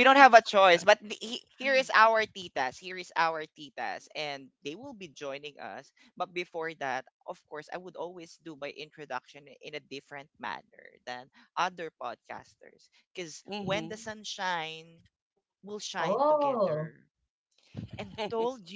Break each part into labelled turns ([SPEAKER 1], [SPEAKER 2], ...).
[SPEAKER 1] Mhm. Mhm.
[SPEAKER 2] Oh,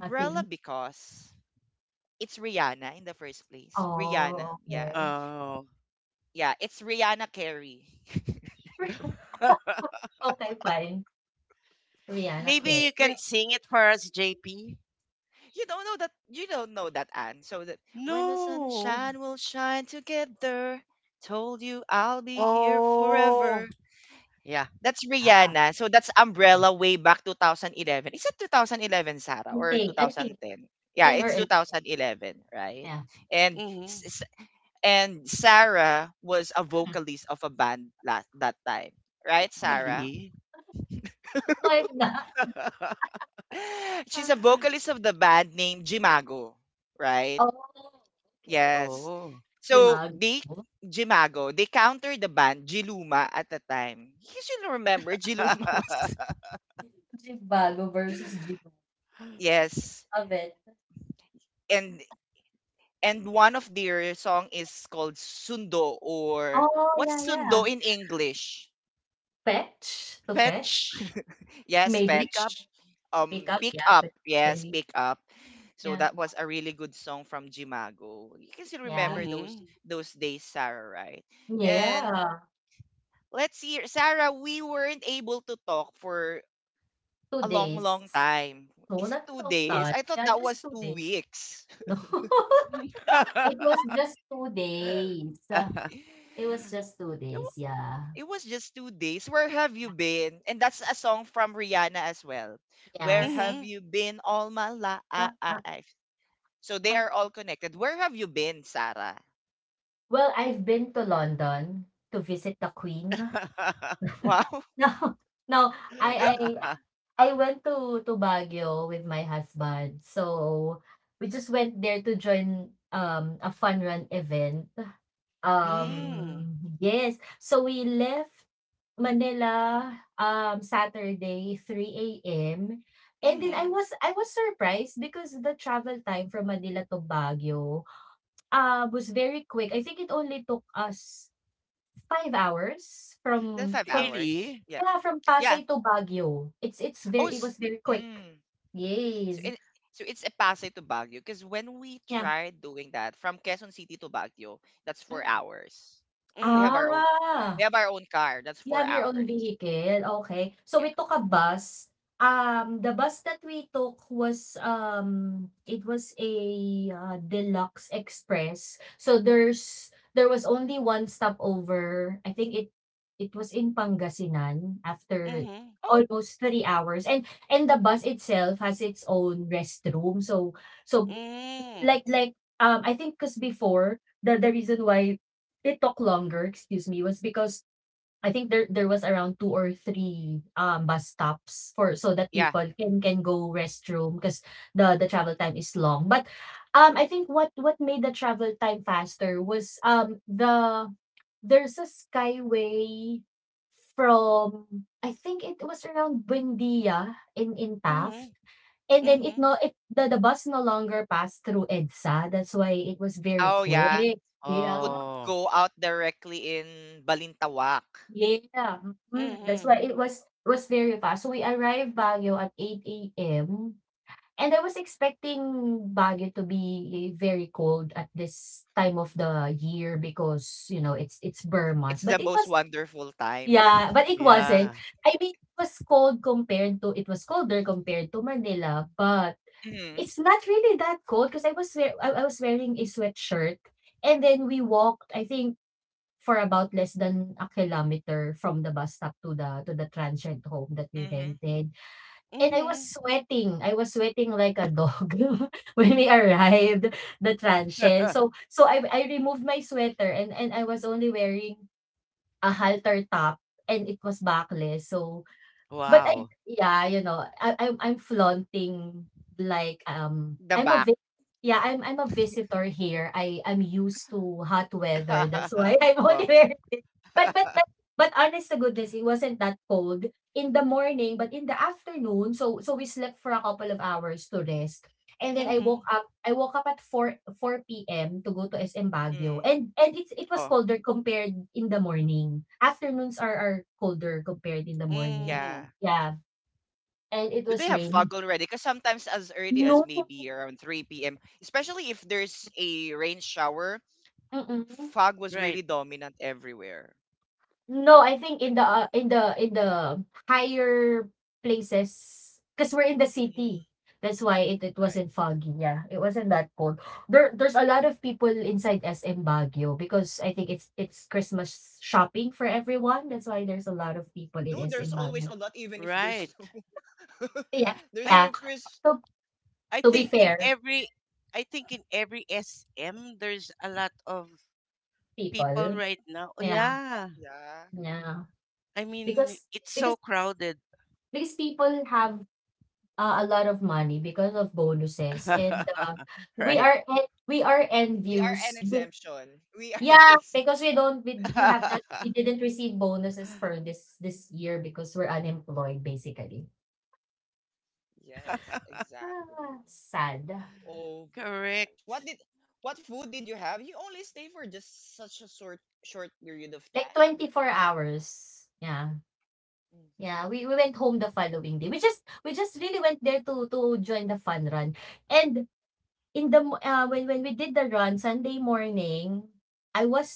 [SPEAKER 2] nothing? Oh, okay.
[SPEAKER 1] Oh.
[SPEAKER 2] Okay, fine. Rihanna
[SPEAKER 1] Maybe
[SPEAKER 2] Care,
[SPEAKER 1] you can sing it for us, JP. No. Oh. Yeah.
[SPEAKER 2] yeah. I think 10 or 11. Yeah.
[SPEAKER 1] Mhm. Really?
[SPEAKER 2] Wife na. Ah, oh, okay.
[SPEAKER 1] Oh.
[SPEAKER 2] Jimago? Jibago versus Gino. Love it. Oh, yeah, yeah. Fetch? To fetch?
[SPEAKER 1] Fetch,
[SPEAKER 2] Maybe.
[SPEAKER 1] pick up.
[SPEAKER 2] Pick up, yeah, pick up maybe. Yeah. Yeah.
[SPEAKER 1] Mhm.
[SPEAKER 2] Yeah, two days. No, not a long time. Yeah, just 2 days. No. It was just 2 days. It was just 2 days, yeah. Yes.
[SPEAKER 1] Mhm.
[SPEAKER 2] But, uh, well, I've been to London to visit the Queen. No, no, I I I went to Baguio with my husband. So, we just went there to join, a fun run event.
[SPEAKER 1] Mm.
[SPEAKER 2] Yes. So we left Manila, Saturday, 3 AM. And then I
[SPEAKER 1] Mhm.
[SPEAKER 2] was I was surprised because the travel time from Manila to Baguio, was very quick. I think it only took us 5 hours from
[SPEAKER 1] Really?
[SPEAKER 2] yeah, from Pasay to Baguio. It was very quick. Yes. Yeah. Mm.
[SPEAKER 1] Mhm.
[SPEAKER 2] Ah. You have your own vehicle, okay. So we took a bus. The bus that we took was, it was a, deluxe express. So there was only one stopover. I think it was in Pangasinan after
[SPEAKER 1] Mhm.
[SPEAKER 2] almost 3 hours and the bus itself has its own restroom. So
[SPEAKER 1] Mm.
[SPEAKER 2] like like, I think 'cause before the reason why it took longer, excuse me, was because I think there was around two or three bus stops for so that people can go restroom because the travel time is long. But, I think what made the travel time faster was, there's a skyway from, I think, it was around Buendia in Taft,
[SPEAKER 1] Mhm,
[SPEAKER 2] and then it
[SPEAKER 1] mhm.
[SPEAKER 2] no it the bus no longer passed through EDSA. That's why it was very quick, yeah.
[SPEAKER 1] Oh.
[SPEAKER 2] Yeah, mhm, that's
[SPEAKER 1] Mhm.
[SPEAKER 2] why it was very fast. So we arrived Baguio at 8 a.m., and I was expecting Baguio to be very cold at this time of the year because, it's burr months. But it was yeah, but it wasn't.
[SPEAKER 1] Yeah.
[SPEAKER 2] I mean, it was colder compared to Manila, but it's not really that cold because I was wear I was wearing a sweatshirt. And then we walked, I think, for about less than a kilometer from the bus stop to the transient home that we rented. And I was
[SPEAKER 1] Mhm.
[SPEAKER 2] sweating. I was sweating like a dog when we arrived, the transient. So so I removed my sweater and I was only wearing a halter top and it was backless. So. But I
[SPEAKER 1] Wow.
[SPEAKER 2] yeah, I'm flaunting, like, I'm a vi yeah, I'm a visitor here. I'm used to hot weather. That's why I'm only wearing this. But but but but honest to goodness, it wasn't that cold in the morning, but in the afternoon, we slept for a couple of hours to rest. And then
[SPEAKER 1] Mm. Mhm,
[SPEAKER 2] I woke up at 4 PM to go to SM Baguio. And it was colder compared in the morning. Afternoons are colder compared in the morning.
[SPEAKER 1] mm.
[SPEAKER 2] Yeah, and it was raining. No, mm-mm.
[SPEAKER 1] Right,
[SPEAKER 2] No, I think in the, higher places, because 'cause we're in the city. That's why it wasn't foggy, yeah. It wasn't that cold. There's a lot of people inside SM Baguio because I think it's Christmas shopping for everyone. That's why there's a lot of people in SM Baguio.
[SPEAKER 1] right.
[SPEAKER 2] Yeah,
[SPEAKER 1] I
[SPEAKER 2] yeah. So,
[SPEAKER 1] I
[SPEAKER 2] to be
[SPEAKER 1] think in
[SPEAKER 2] fair,
[SPEAKER 1] every. I think in every SM there's a lot of people
[SPEAKER 2] people.
[SPEAKER 1] right now. Oh,
[SPEAKER 2] Yeah,
[SPEAKER 1] yeah.
[SPEAKER 2] yeah.
[SPEAKER 1] I mean,
[SPEAKER 2] Because
[SPEAKER 1] it's
[SPEAKER 2] because
[SPEAKER 1] so crowded.
[SPEAKER 2] because people have, a lot of money because of bonuses and,
[SPEAKER 1] Right.
[SPEAKER 2] we are envious, be yeah, because we don't, we have not, we didn't receive bonuses for this year because we're unemployed basically. Ah, sad.
[SPEAKER 1] Correct.
[SPEAKER 2] Like 24 hours, yeah. Yeah, we went home the following day. We just really went there to join the fun run and In the mo ah, when we did the run Sunday morning, I was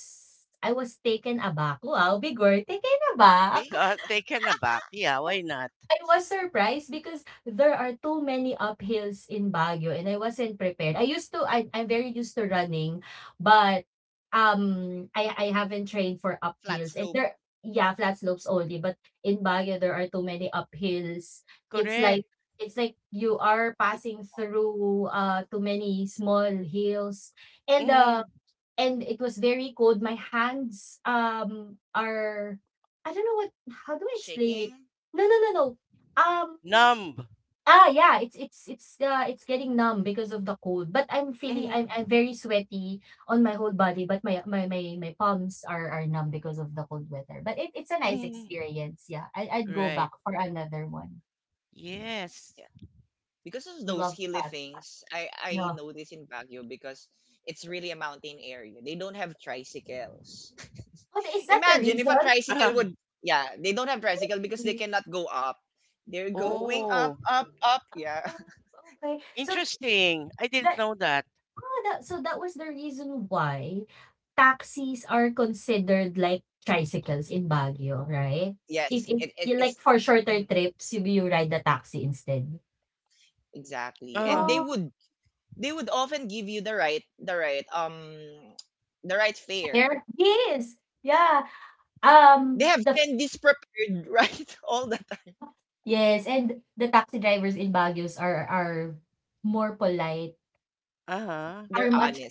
[SPEAKER 2] I was taken aback. Wow, bigor, taken aback.
[SPEAKER 1] Taken aback. Yeah, why not?
[SPEAKER 2] I was surprised because there are too many uphills in Baguio and I wasn't prepared. I'm very used to running, but I haven't trained for uphills. And there yeah, flat slopes only, but in Baguio there are too many uphills. It's like
[SPEAKER 1] Correct.
[SPEAKER 2] it's like you are passing through too many small hills. And the
[SPEAKER 1] Mhm.
[SPEAKER 2] and it was very cold. My hands, are, I don't know what. How do I explain it? No, no, no, no. Um
[SPEAKER 1] Numb.
[SPEAKER 2] yeah, it's getting numb because of the cold. But I'm feeling
[SPEAKER 1] Mhm.
[SPEAKER 2] I'm very sweaty on my whole body, but my palms are numb because of the cold weather. But it's a nice
[SPEAKER 1] Mhm.
[SPEAKER 2] experience. Yeah. I'd go
[SPEAKER 1] Right.
[SPEAKER 2] back for another one.
[SPEAKER 1] Yes.
[SPEAKER 2] Love that. Yeah. Oh, is that the reason?
[SPEAKER 1] Uh,
[SPEAKER 2] Really? Mm,
[SPEAKER 1] oh,
[SPEAKER 2] okay. So
[SPEAKER 1] interesting. I
[SPEAKER 2] the
[SPEAKER 1] didn't know that.
[SPEAKER 2] Oh, that was the reason why taxis are considered like tricycles in Baguio, right? If you, like, for shorter trips, you ride the taxi instead.
[SPEAKER 1] Uh,
[SPEAKER 2] Oh, fair. Yes. Yeah. The yes, and the taxi drivers in Baguio are more polite,
[SPEAKER 1] uh-huh.
[SPEAKER 2] are much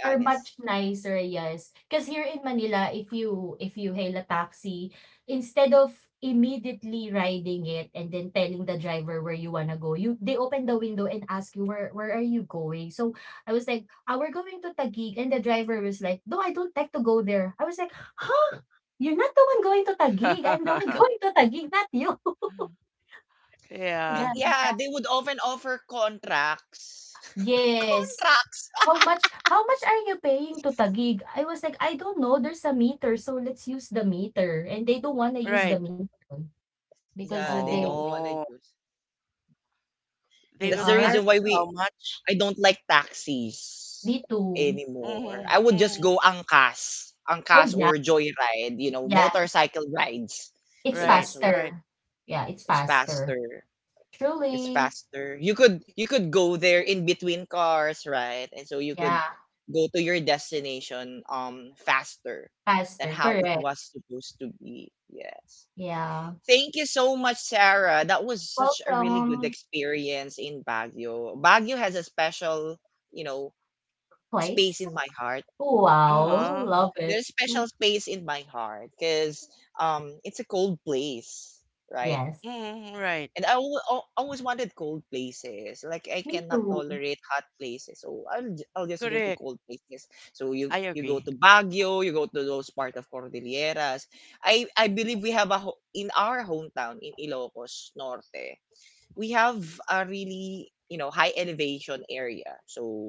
[SPEAKER 2] Are much nicer, yes. 'Cause here in Manila, if you hail a taxi, instead of immediately riding it and then telling the driver where you wanna go, you they open the window and ask you, "Where are you going?" So I was like, "Ah, we're going to Taguig," and the driver was like, "No, I don't like to go there." I was like, "Huh? You're not the one going to Taguig. I'm the one going to Taguig, not you."
[SPEAKER 1] Yeah.
[SPEAKER 2] The tax yes. How much are you paying to tagig? I was like, "I don't know, there's a meter, so let's use the meter," and they don't wanna use
[SPEAKER 1] Right.
[SPEAKER 2] the meter because they
[SPEAKER 1] Oh, they
[SPEAKER 2] they
[SPEAKER 1] will
[SPEAKER 2] are
[SPEAKER 1] ask you how much.
[SPEAKER 2] B2.
[SPEAKER 1] Mm-hmm, mm-hmm.
[SPEAKER 2] Oh, yeah, yeah, it's
[SPEAKER 1] Right, right.
[SPEAKER 2] faster. Yeah, it's faster. Truly. Yeah, faster, correct. Yeah. Welcome, place. Wow,
[SPEAKER 1] Uh-huh.
[SPEAKER 2] love it. Mm, yes.
[SPEAKER 1] Mm-hmm, right.
[SPEAKER 2] Me too.
[SPEAKER 1] Correct. I agree.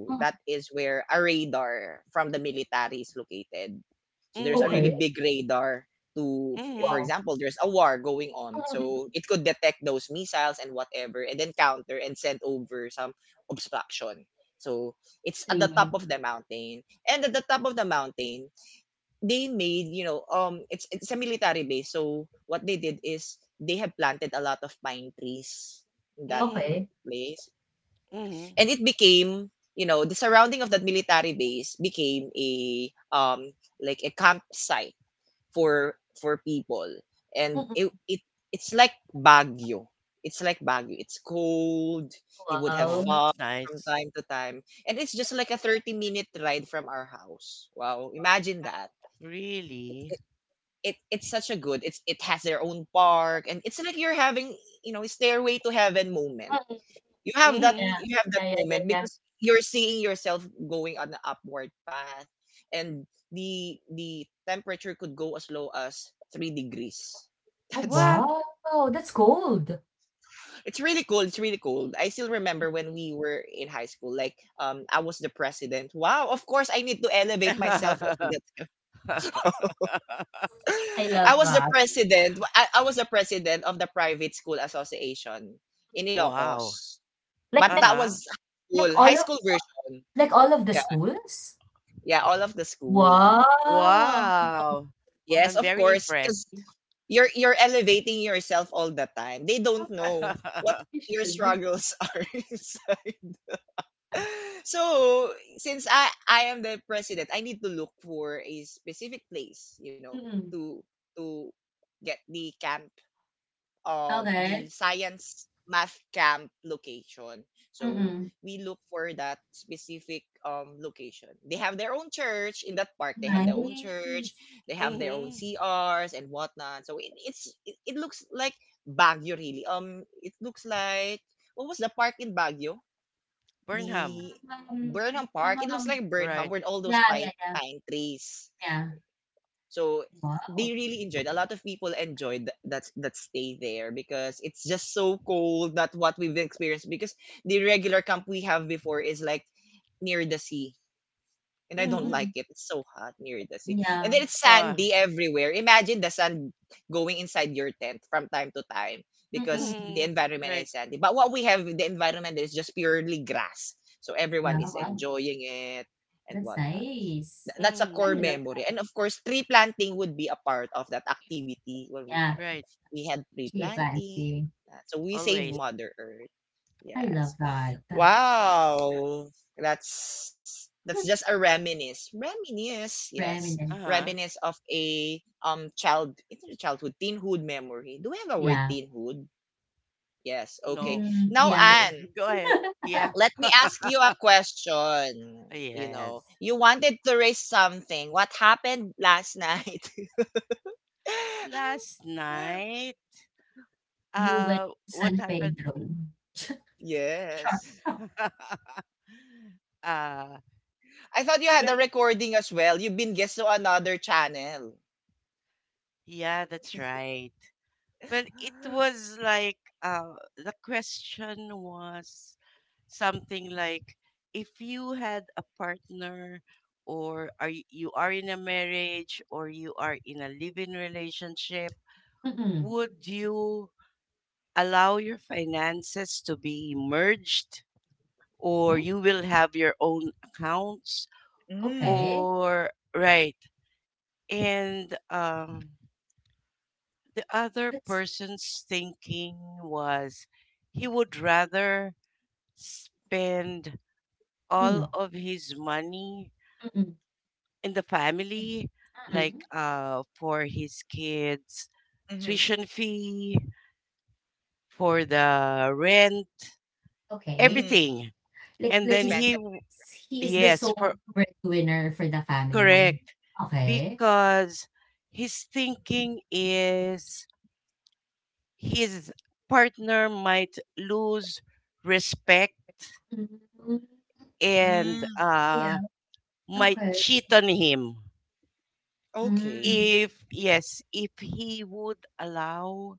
[SPEAKER 2] Mm,
[SPEAKER 1] Mm-hmm,
[SPEAKER 2] okey.
[SPEAKER 1] mm-hmm,
[SPEAKER 2] Wow. Mm, mm, mm, really?
[SPEAKER 1] mm-hmm,
[SPEAKER 2] Okay.
[SPEAKER 1] mm-hmm. Oh,
[SPEAKER 2] Wow.
[SPEAKER 1] that's nice. Really?
[SPEAKER 2] Mm, yeah.
[SPEAKER 1] Mhm.
[SPEAKER 2] Yeah, yeah, yeah, yeah. Oh,
[SPEAKER 1] What?
[SPEAKER 2] wow. That's gold. I love that.
[SPEAKER 1] Wow.
[SPEAKER 2] Like like
[SPEAKER 1] Uh-huh.
[SPEAKER 2] like all of, all of the schools? Wow.
[SPEAKER 1] Wow.
[SPEAKER 2] Wow.
[SPEAKER 1] I'm very impressed.
[SPEAKER 2] Of course. You should. Mm-mm. Okay. Mm-mm. Nice.
[SPEAKER 1] Mhm. Burnham.
[SPEAKER 2] Um, um, um, um,
[SPEAKER 1] Right.
[SPEAKER 2] yeah, yeah, yeah, yeah. Wow.
[SPEAKER 1] Mhm.
[SPEAKER 2] Mm-mm. Yeah.
[SPEAKER 1] Uh,
[SPEAKER 2] Mm-mm.
[SPEAKER 1] mhm. Right.
[SPEAKER 2] Yeah, wow. That's nice. I love
[SPEAKER 1] Mhm.
[SPEAKER 2] that. Yeah,
[SPEAKER 1] Right.
[SPEAKER 2] actually planting.
[SPEAKER 1] Always.
[SPEAKER 2] I love that. Hmm, Reminisce.
[SPEAKER 1] Uh-huh.
[SPEAKER 2] Yeah.
[SPEAKER 1] No.
[SPEAKER 2] Mm, yeah.
[SPEAKER 1] Okay. Go ahead. Yeah. Yes. Last night,
[SPEAKER 2] You went to
[SPEAKER 1] what
[SPEAKER 2] San
[SPEAKER 1] happened?
[SPEAKER 2] Pedro. Sure.
[SPEAKER 1] uh, well, yeah, that's right. Well, it was like the question was something like, if you had a partner, or are you are in a marriage, or you are in a live-in relationship,
[SPEAKER 2] Mm-mm.
[SPEAKER 1] would you allow your finances to be merged, or
[SPEAKER 2] Mm,
[SPEAKER 1] you will have your own accounts,
[SPEAKER 2] okay.
[SPEAKER 1] or right, and the other
[SPEAKER 2] That's
[SPEAKER 1] person's thinking was he would rather spend all
[SPEAKER 2] mm,
[SPEAKER 1] of his money
[SPEAKER 2] mm,
[SPEAKER 1] in the family, like
[SPEAKER 2] mm,
[SPEAKER 1] for his kids' tuition fee, for the rent,
[SPEAKER 2] okay.
[SPEAKER 1] everything.
[SPEAKER 2] Like
[SPEAKER 1] And
[SPEAKER 2] like
[SPEAKER 1] then
[SPEAKER 2] he's he is the
[SPEAKER 1] yes,
[SPEAKER 2] sole
[SPEAKER 1] for
[SPEAKER 2] breadwinner for the family.
[SPEAKER 1] correct,
[SPEAKER 2] Okay.
[SPEAKER 1] because his thinking is his partner might lose respect,
[SPEAKER 2] Mm,
[SPEAKER 1] and
[SPEAKER 2] yeah.
[SPEAKER 1] might
[SPEAKER 2] Okay.
[SPEAKER 1] cheat on him.
[SPEAKER 2] Mm.
[SPEAKER 1] If yes, if he would allow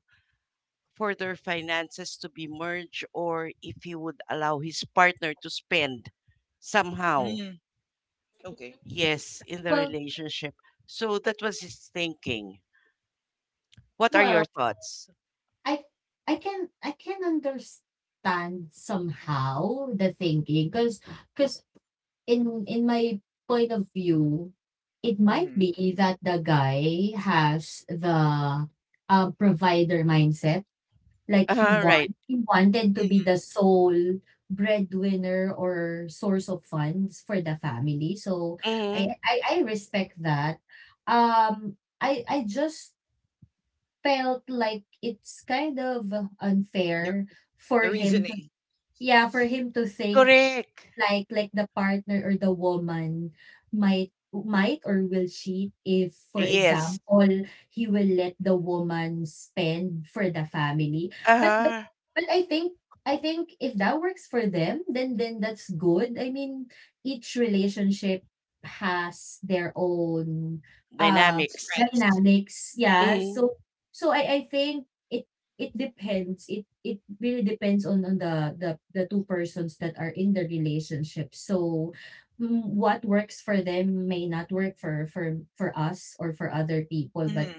[SPEAKER 1] for their finances to be merged, or if he would allow his partner to spend somehow, yes, in the
[SPEAKER 2] Well,
[SPEAKER 1] relationship. So that was his thinking. What are your
[SPEAKER 2] well.
[SPEAKER 1] thoughts?
[SPEAKER 2] I I can understand somehow the thinking, because because in my point of view, it might be that the guy has the, provider mindset. Like he
[SPEAKER 1] Uh-huh, right.
[SPEAKER 2] want he wanted to be the sole breadwinner or source of funds for the family. So I
[SPEAKER 1] Mm-hmm.
[SPEAKER 2] I, I respect that. I just felt like it's kind of unfair for him to yeah, for him to think,
[SPEAKER 1] Correct.
[SPEAKER 2] like the partner or the woman might or will cheat if, for
[SPEAKER 1] Yes.
[SPEAKER 2] example, he will let the woman spend for the family, but but
[SPEAKER 1] Uh-huh.
[SPEAKER 2] but I think if that works for them, then that's good. I mean, each relationship has their own, uh
[SPEAKER 1] Dynamics.
[SPEAKER 2] dynamics, yeah.
[SPEAKER 1] Mm-hmm.
[SPEAKER 2] So I think it depends. It really depends on the two persons that are in the relationship. So, what works for them may not work for us or for other people, but,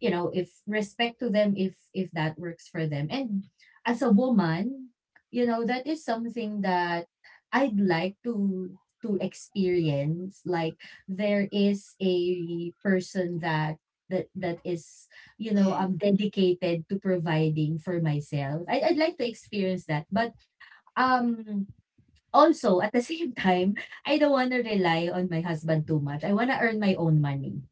[SPEAKER 2] if respect to them, if that works for them, and, as a woman, that is something that I'd like to experience, like there is a person that is, I'm dedicated to providing for myself. I'd like to experience that, but um also, at the same time, I don't want to rely on my husband too much. I want to earn my own money.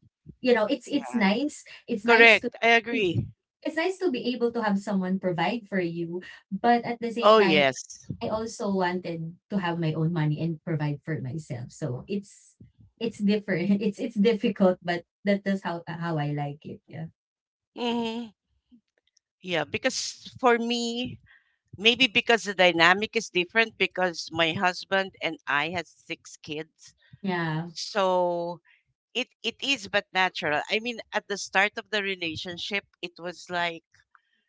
[SPEAKER 2] You know, it's nice,
[SPEAKER 1] Correct, I agree.
[SPEAKER 2] it's nice to be able to have someone provide for you, but, at the same
[SPEAKER 1] Oh,
[SPEAKER 2] time,
[SPEAKER 1] yes.
[SPEAKER 2] I also wanted to have my own money and provide for myself. So it's different. It's difficult, but that is how I like it. Yeah.
[SPEAKER 1] Mm-hmm. Yeah, because for me, maybe because the dynamic is different, because my husband and I has six kids.
[SPEAKER 2] Yeah.
[SPEAKER 1] So it is but natural. I mean, at the start of the relationship, it was like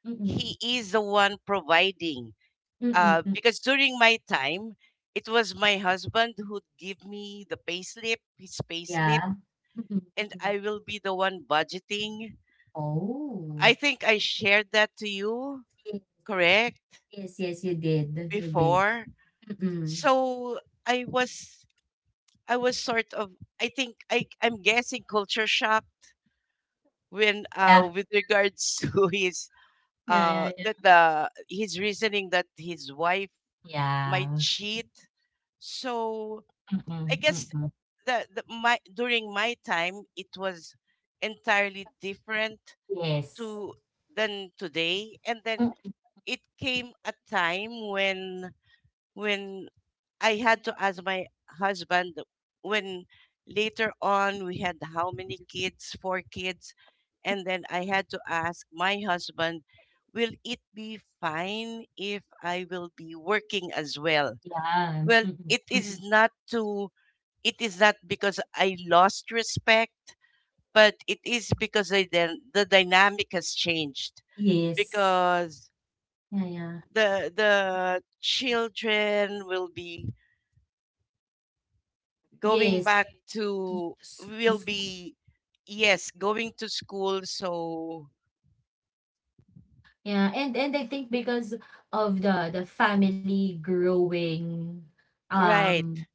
[SPEAKER 2] Mm-mm.
[SPEAKER 1] he is the one providing.
[SPEAKER 2] Mm-mm. Mm,
[SPEAKER 1] Because during my time, it was my husband who'd give me the payslip, his payslip,
[SPEAKER 2] yeah. Mm-mm.
[SPEAKER 1] and
[SPEAKER 2] Mm-mm.
[SPEAKER 1] I will be the one budgeting. I
[SPEAKER 2] Oh.
[SPEAKER 1] think I shared that to you,
[SPEAKER 2] Yes,
[SPEAKER 1] correct?
[SPEAKER 2] yes, yes, you did. You did.
[SPEAKER 1] Before
[SPEAKER 2] Mm-mm.
[SPEAKER 1] so I was I was sort of, I think I'm guessing culture shocked when
[SPEAKER 2] Yeah.
[SPEAKER 1] with regards to his
[SPEAKER 2] Yeah, yeah,
[SPEAKER 1] that
[SPEAKER 2] yeah.
[SPEAKER 1] the his reasoning that his wife might
[SPEAKER 2] Yeah.
[SPEAKER 1] cheat. So I
[SPEAKER 2] Mm-mm.
[SPEAKER 1] guess
[SPEAKER 2] Mm-mm.
[SPEAKER 1] the my during my time it was entirely different
[SPEAKER 2] Yes.
[SPEAKER 1] to than today, and then
[SPEAKER 2] Mm,
[SPEAKER 1] it came a time when when I had to ask my husband, when later on we had how many kids, four kids, and then I had to ask my husband, will it be fine if I will be working as well?
[SPEAKER 2] yeah.
[SPEAKER 1] Well,
[SPEAKER 2] Mm-mm.
[SPEAKER 1] it is
[SPEAKER 2] Mm-mm.
[SPEAKER 1] not to, it is not because I lost respect, but it is because the dynamic has changed
[SPEAKER 2] Yes.
[SPEAKER 1] because
[SPEAKER 2] Yeah, yeah.
[SPEAKER 1] the children will be going
[SPEAKER 2] Yes.
[SPEAKER 1] back
[SPEAKER 2] To
[SPEAKER 1] to
[SPEAKER 2] s to
[SPEAKER 1] will
[SPEAKER 2] sc
[SPEAKER 1] be yes going to school, so
[SPEAKER 2] Yeah, and I think because of the family growing,
[SPEAKER 1] right.
[SPEAKER 2] um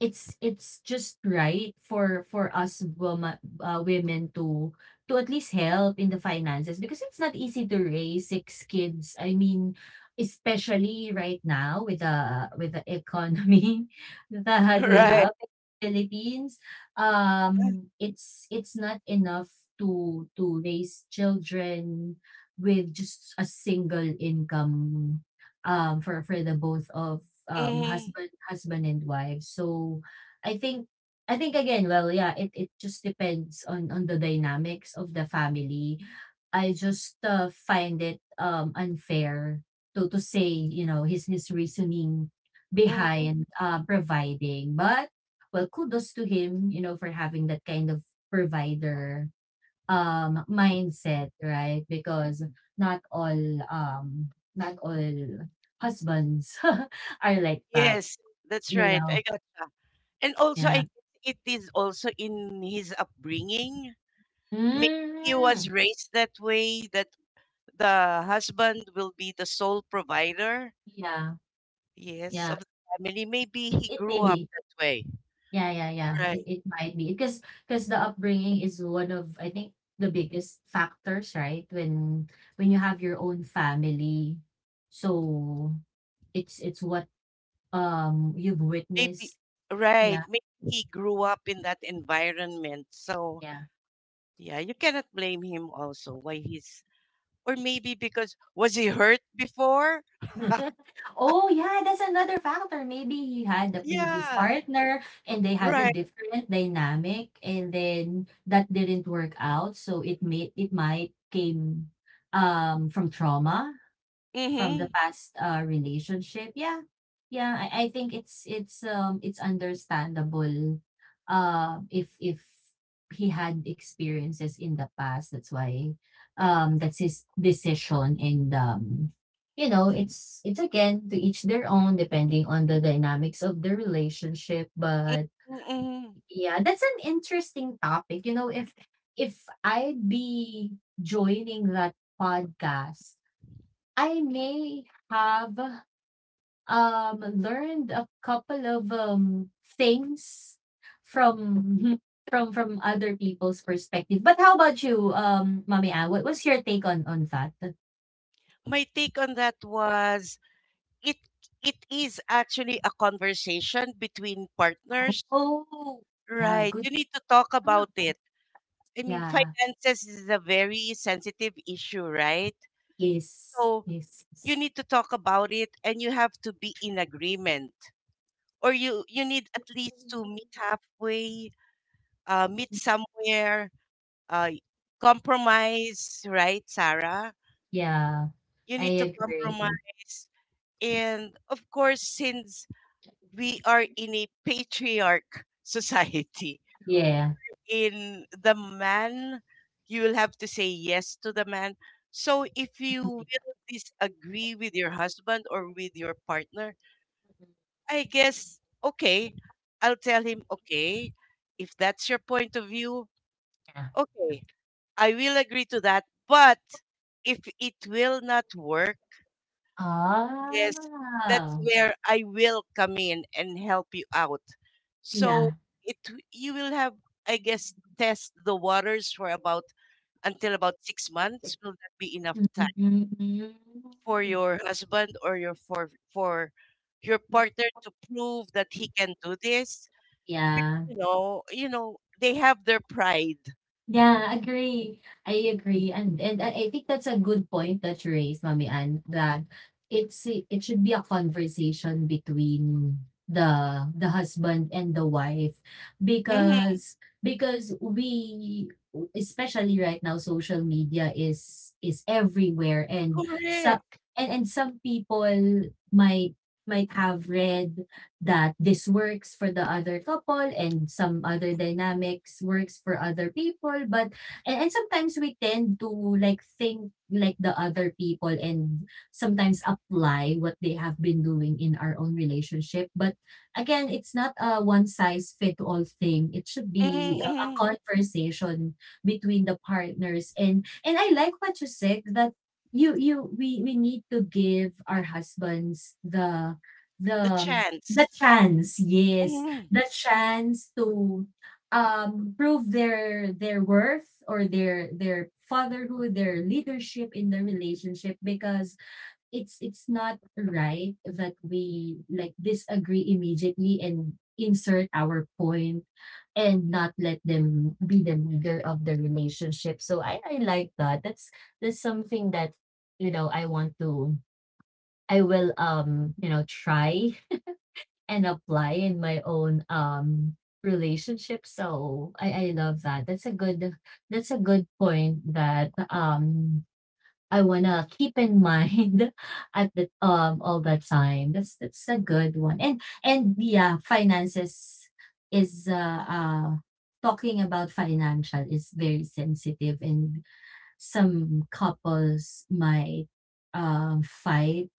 [SPEAKER 2] it's just right for us woma women to at least help in the finances because it's not easy to raise six kids. I mean, especially right now with the economy that we
[SPEAKER 1] Right.
[SPEAKER 2] have in the Philippines, it's not enough to raise children with just a single income for the both of
[SPEAKER 1] Hmm.
[SPEAKER 2] husband and wife. So I think I think again, well, it it just depends on the dynamics of the family. I just find it unfair to say, his reasoning
[SPEAKER 1] Hmm.
[SPEAKER 2] behind providing. But well, kudos to him, you know, for having that kind of provider mindset, right? Because not all um, not all husbands are like that,
[SPEAKER 1] Yes, that's
[SPEAKER 2] you
[SPEAKER 1] right,
[SPEAKER 2] know.
[SPEAKER 1] I got that. And also I
[SPEAKER 2] Yeah.
[SPEAKER 1] guess it is also in his upbringing. Maybe he was
[SPEAKER 2] Mm,
[SPEAKER 1] raised that way, that the husband will be the sole provider,
[SPEAKER 2] yeah.
[SPEAKER 1] yes,
[SPEAKER 2] Yeah.
[SPEAKER 1] of the family. Maybe
[SPEAKER 2] It,
[SPEAKER 1] he
[SPEAKER 2] it
[SPEAKER 1] grew
[SPEAKER 2] may
[SPEAKER 1] up
[SPEAKER 2] be.
[SPEAKER 1] that way.
[SPEAKER 2] Yeah, yeah, yeah.
[SPEAKER 1] Right,
[SPEAKER 2] It might be because the upbringing is one of I think the biggest factors, right? When you have your own family, so it's what you've
[SPEAKER 1] maybe.
[SPEAKER 2] witnessed.
[SPEAKER 1] Right,
[SPEAKER 2] Yeah,
[SPEAKER 1] maybe he grew up in that environment. So
[SPEAKER 2] yeah.
[SPEAKER 1] yeah, you cannot blame him also why he's, or maybe because, was he hurt before?
[SPEAKER 2] Oh, yeah, that's another factor. Maybe he had the previous
[SPEAKER 1] Yeah,
[SPEAKER 2] partner and they had a
[SPEAKER 1] right.
[SPEAKER 2] different dynamic and then that didn't work out. So it made it might came from trauma from the
[SPEAKER 1] Mm-hmm.
[SPEAKER 2] past relationship. Yeah, yeah, I think it's it's understandable if he had experiences in the past, that's why, that's his decision, and you know it's again to each their own depending on the dynamics of the relationship. But
[SPEAKER 1] Mm-hmm.
[SPEAKER 2] yeah, that's an interesting topic, you know, if I'd be joining that podcast, I may have learned a couple of things from from other people's perspective. But how about you, Mami Ah? What was your take on that?
[SPEAKER 1] My take on that was, it it is actually a conversation between partners.
[SPEAKER 2] Oh, yeah,
[SPEAKER 1] Right.
[SPEAKER 2] good.
[SPEAKER 1] You need to talk about it. I mean,
[SPEAKER 2] Yeah,
[SPEAKER 1] finances is a very sensitive issue, right?
[SPEAKER 2] yes,
[SPEAKER 1] So
[SPEAKER 2] yes,
[SPEAKER 1] you
[SPEAKER 2] yes.
[SPEAKER 1] need to talk about it, and you have to be in agreement. Or you need at least to meet halfway, meet somewhere, uh, compromise, right, Sarah?
[SPEAKER 2] Yeah,
[SPEAKER 1] You
[SPEAKER 2] I
[SPEAKER 1] need to
[SPEAKER 2] agree.
[SPEAKER 1] compromise. And of course, since we are in a patriarch society,
[SPEAKER 2] Yeah.
[SPEAKER 1] in the man, you will have to say yes to the man. So if you will disagree with your husband or with your partner, I guess, okay, I'll tell him, okay, if that's your point of view,
[SPEAKER 2] Yeah.
[SPEAKER 1] okay, I will agree to that. But if it will not work, yes,
[SPEAKER 2] Ah,
[SPEAKER 1] that's where I will come in and help you out. So
[SPEAKER 2] yeah.
[SPEAKER 1] it, you will have, I guess, test the waters for about until about six months. Will that be enough time
[SPEAKER 2] Hmm.
[SPEAKER 1] for your husband or your for your partner to prove that he can do this?
[SPEAKER 2] Yeah.
[SPEAKER 1] You know, they have their pride.
[SPEAKER 2] Yeah, agree. I agree. And I think that's a good point that you raised, Mami Ann, that it's it should be a conversation between the husband and the wife
[SPEAKER 1] Hmm.
[SPEAKER 2] because because we, especially right now, social media is everywhere, and some
[SPEAKER 1] Correct.
[SPEAKER 2] and some people might might have read that this works for the other couple and some other dynamics works for other people. But and sometimes we tend to like think like the other people and sometimes apply what they have been doing in our own relationship. But again, it's not a one size fit all thing. It should be a
[SPEAKER 1] Hmm.
[SPEAKER 2] conversation between the partners. And I like what you said that you we need to give our husbands
[SPEAKER 1] The
[SPEAKER 2] the
[SPEAKER 1] chance.
[SPEAKER 2] the chance, yes.
[SPEAKER 1] Mhm,
[SPEAKER 2] The chance to, prove their worth or their fatherhood, their leadership in the relationship, because it's not right that we, like, disagree immediately and insert our point and not let them be the leader of the relationship. So I like that. That's something that, you know, I want to I will, you know, try and apply in my own relationship. So I love that. That's a good point that I wanna keep in mind at the all the time. That's a good one. And yeah, finances is talking about financial is very sensitive, and some couples might fight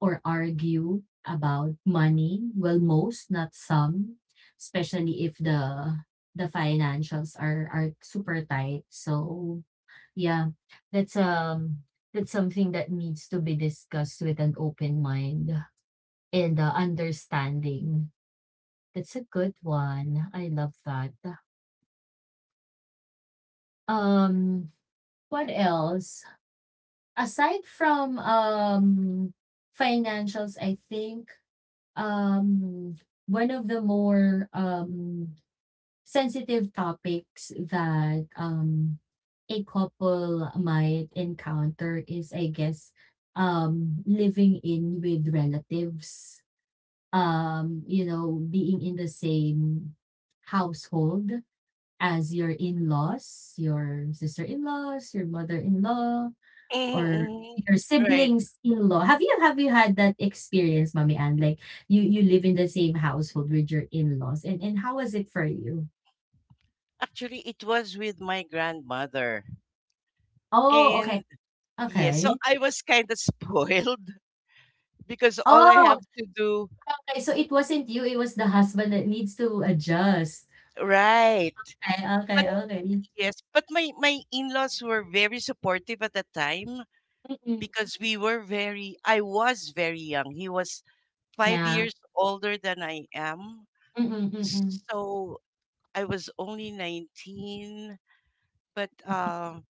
[SPEAKER 2] or argue about money. Well, most, not some, especially if the the financials are super tight. So yeah, that's um that's something that needs to be discussed with an open mind and understanding. That's a good one. I love that. Um, what else? Aside from financials, I think um one of the more sensitive topics that a couple might encounter is I guess living in with relatives, you know, being in the same household as your in-laws, your sister-in-laws, your mother-in-law, or
[SPEAKER 1] mhm, mhm.
[SPEAKER 2] your
[SPEAKER 1] Right.
[SPEAKER 2] siblings in-law. Have you had that experience, Mommy Ann? Like you live in the same household with your in-laws, and how was it for you?
[SPEAKER 1] Actually, it was with my grandmother.
[SPEAKER 2] Oh,
[SPEAKER 1] And
[SPEAKER 2] okay,
[SPEAKER 1] yes, so
[SPEAKER 2] okay.
[SPEAKER 1] I was kind of spoiled because all I
[SPEAKER 2] Oh,
[SPEAKER 1] have to do,
[SPEAKER 2] okay. So it wasn't you; it was the husband that needs to adjust.
[SPEAKER 1] right.
[SPEAKER 2] Okay,
[SPEAKER 1] But
[SPEAKER 2] okay, okay.
[SPEAKER 1] yes, but my in-laws were very supportive at the time,
[SPEAKER 2] Mm-mm.
[SPEAKER 1] because we were very I was very young. He was 5
[SPEAKER 2] Yeah.
[SPEAKER 1] years older than I am.
[SPEAKER 2] Mm-mm, mm-mm,
[SPEAKER 1] So I was only 19, but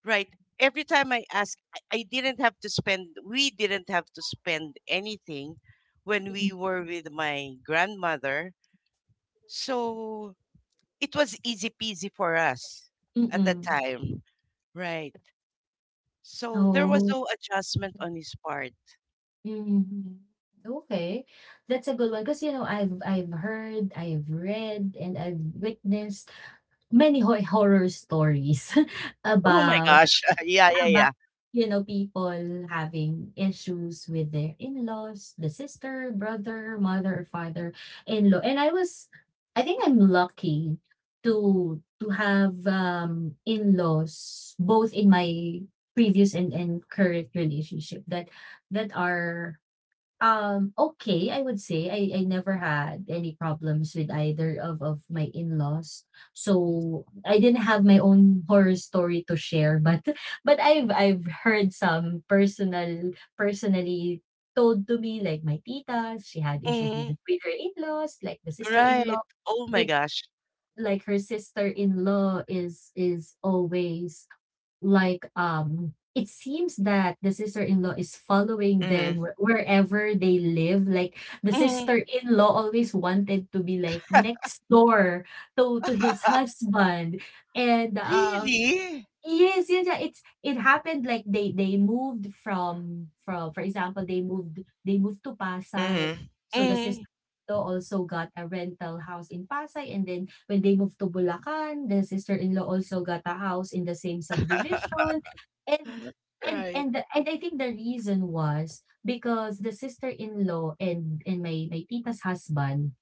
[SPEAKER 1] right. Every time I ask, I didn't have to spend, we didn't have to spend anything when we
[SPEAKER 2] mm-mm,
[SPEAKER 1] were with my grandmother. So it was easy peasy for us at that
[SPEAKER 2] mm-mm.
[SPEAKER 1] time. Right. So there was
[SPEAKER 2] Oh.
[SPEAKER 1] no adjustment on his part.
[SPEAKER 2] Mm-mm. Okay, that's a good one because you know I've heard, I've read, and I've witnessed many horror stories
[SPEAKER 1] Oh my
[SPEAKER 2] about
[SPEAKER 1] gosh. Yeah, yeah, yeah.
[SPEAKER 2] about, you know, people having issues with their in-laws, the sister, brother, mother, or father-in-law. And I was I think I'm lucky to have, in-laws both in my previous and current relationship that that are okay, I would say I never had any problems with either of my in-laws. So I didn't have my own horror story to share, but but I've heard some personally told to me, like my tita, she had issues with the
[SPEAKER 1] Mhm.
[SPEAKER 2] with her in-laws, like the
[SPEAKER 1] Right.
[SPEAKER 2] sister-in-law,
[SPEAKER 1] Oh my
[SPEAKER 2] like
[SPEAKER 1] gosh.
[SPEAKER 2] like her sister-in-law is always like it seems that the sister-in-law is following them wherever they live, like the
[SPEAKER 1] Mhm.
[SPEAKER 2] sister-in-law always wanted to be like next door to his husband. And
[SPEAKER 1] Really?
[SPEAKER 2] yes, yun yeah, it's it happened like they moved from for example, they moved to Pasay. So the sister
[SPEAKER 1] Mhm.
[SPEAKER 2] also got a rental house in Pasay, and then when they moved to Bulacan, the sister-in-law also got a house in the same subdivision. And
[SPEAKER 1] Right.
[SPEAKER 2] and the, and I think the reason was because the sister-in-law and my tita's husband,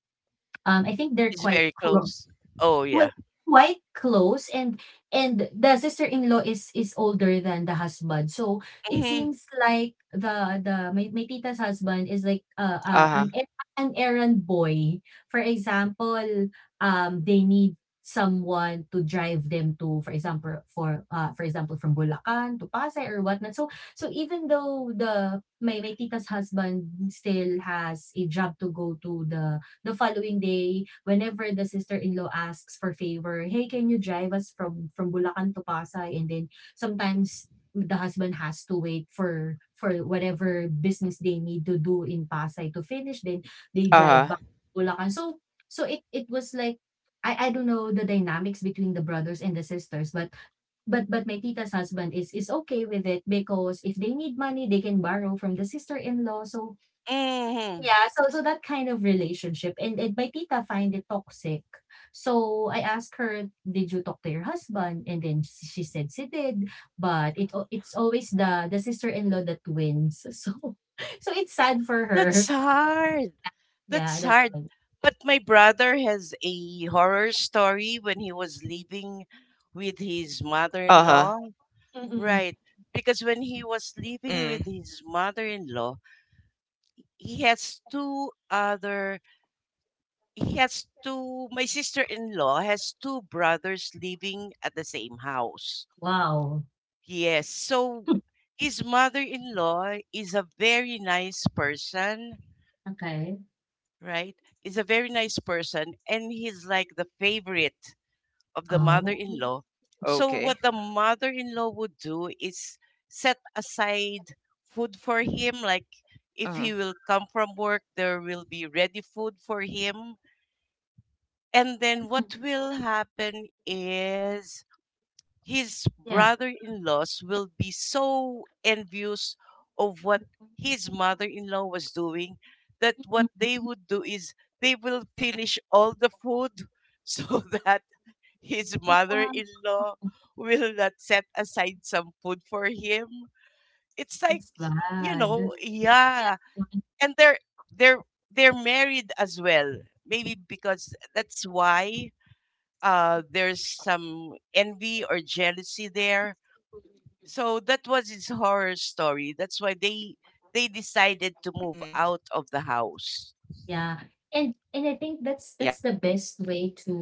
[SPEAKER 2] I think they're
[SPEAKER 1] It's
[SPEAKER 2] quite
[SPEAKER 1] very
[SPEAKER 2] close.
[SPEAKER 1] close. Oh,
[SPEAKER 2] Well,
[SPEAKER 1] yeah.
[SPEAKER 2] quite close. And the sister-in-law is older than the husband. So it
[SPEAKER 1] Mhm.
[SPEAKER 2] seems like my tita's husband is like an an errand boy. For example, they need someone to drive them to for example from Bulacan to Pasay or whatnot. So so even though my tita's husband still has a job to go to the following day, whenever the sister-in-law asks for favor, "Hey, can you drive us from Bulacan to Pasay?" And then sometimes the husband has to wait for whatever business they need to do in Pasay to finish, then they drive back to Bulacan. So so it was like I don't know the dynamics between the brothers and the sisters. But but my tita's husband is okay with it because if they need money, they can borrow from the sister-in-law. So
[SPEAKER 1] Mm-hmm.
[SPEAKER 2] yeah, so so that kind of relationship. And my tita find it toxic. So I asked her, "Did you talk to your husband?" And then she said she did, but it's always the sister-in-law that wins. So so it's sad for her.
[SPEAKER 1] That's hard.
[SPEAKER 2] Yeah,
[SPEAKER 1] That's
[SPEAKER 2] that's
[SPEAKER 1] hard.
[SPEAKER 2] like,
[SPEAKER 1] But my brother has a horror story when he was living with his mother in law.
[SPEAKER 2] mm,
[SPEAKER 1] Right. Because when he was living with his mother in law, he has he has two, my sister in law has two brothers living at the same house.
[SPEAKER 2] wow.
[SPEAKER 1] Yes. So his mother in law is a very nice person,
[SPEAKER 2] Okay.
[SPEAKER 1] right? Is a very nice person, and he's like the favorite of the
[SPEAKER 2] Oh.
[SPEAKER 1] mother-in-law. So what the mother-in-law would do is set aside food for him, like if he will come from work there will be ready food for him. And then
[SPEAKER 2] Mm,
[SPEAKER 1] what will happen is his
[SPEAKER 2] yeah.
[SPEAKER 1] brother-in-laws will be so envious of what his mother-in-law was doing, that what
[SPEAKER 2] Mm.
[SPEAKER 1] they would do is they will finish all the food so that his
[SPEAKER 2] Wow,
[SPEAKER 1] mother-in-law will not set aside some food for him. It's like,
[SPEAKER 2] that's
[SPEAKER 1] you
[SPEAKER 2] bad.
[SPEAKER 1] know,
[SPEAKER 2] Yeah.
[SPEAKER 1] yeah. And they're they're married as well, maybe because that's why there's some envy or jealousy there. So that was his horror story. That's why they decided to move out of the house.
[SPEAKER 2] Yeah. And I think that's the best way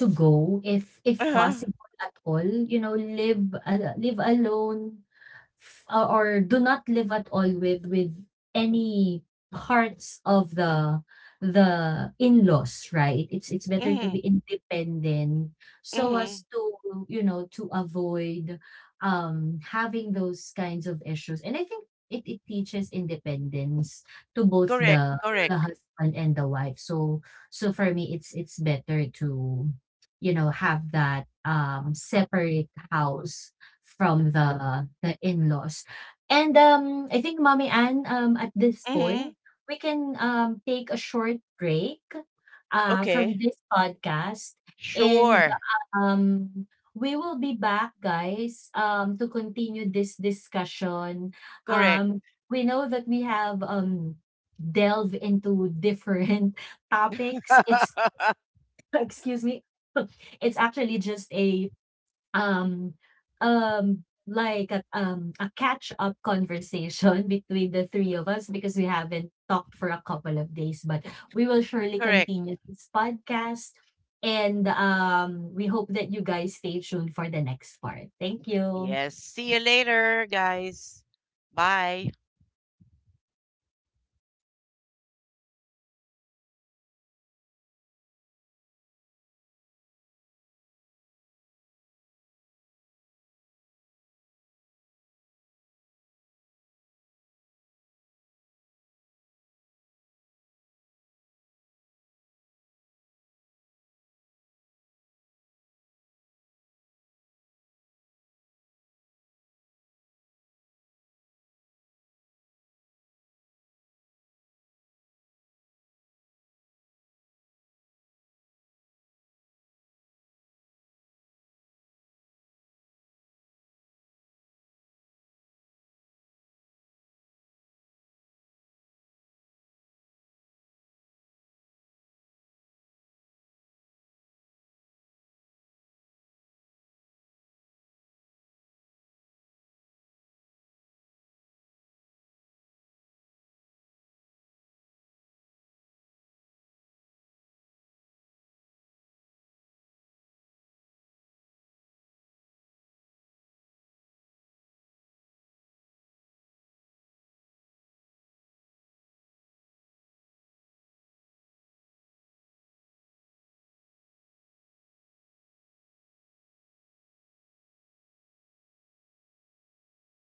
[SPEAKER 2] to go if
[SPEAKER 1] Uh-huh.
[SPEAKER 2] possible at all. You know, live live alone, or do not live at all with any parts of the in-laws, right? It's better to
[SPEAKER 1] Mm-hmm.
[SPEAKER 2] be independent so
[SPEAKER 1] Mm-hmm.
[SPEAKER 2] as to you know to avoid having those kinds of issues. And I think it teaches independence to both
[SPEAKER 1] Correct.
[SPEAKER 2] the
[SPEAKER 1] Correct.
[SPEAKER 2] husband and the wife. So so for me it's better to you know have that separate house from the in-laws. And I think Mommy Ann, at this
[SPEAKER 1] Mm-hmm.
[SPEAKER 2] point, we can take a short break from
[SPEAKER 1] Okay.
[SPEAKER 2] this podcast, and
[SPEAKER 1] Sure.
[SPEAKER 2] um, we will be back, guys, to continue this discussion.
[SPEAKER 1] Correct.
[SPEAKER 2] Um, we know that we have delved into different topics. It's excuse me. It's actually just a um like a catch up conversation between the three of us because we haven't talked for a couple of days. But we will surely
[SPEAKER 1] Correct.
[SPEAKER 2] continue this podcast, and we hope that you guys stay tuned for the next part. Thank you.
[SPEAKER 1] Yes. See you later, guys. Bye.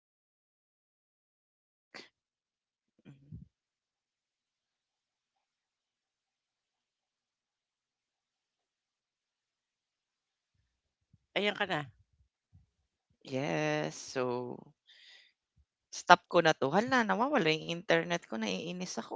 [SPEAKER 3] Yes, yes, that is correct. Mhm.
[SPEAKER 1] Ayan ka na.
[SPEAKER 3] Yes, so stop ko na 'to, hala nawawala yung internet ko, naiinis ako.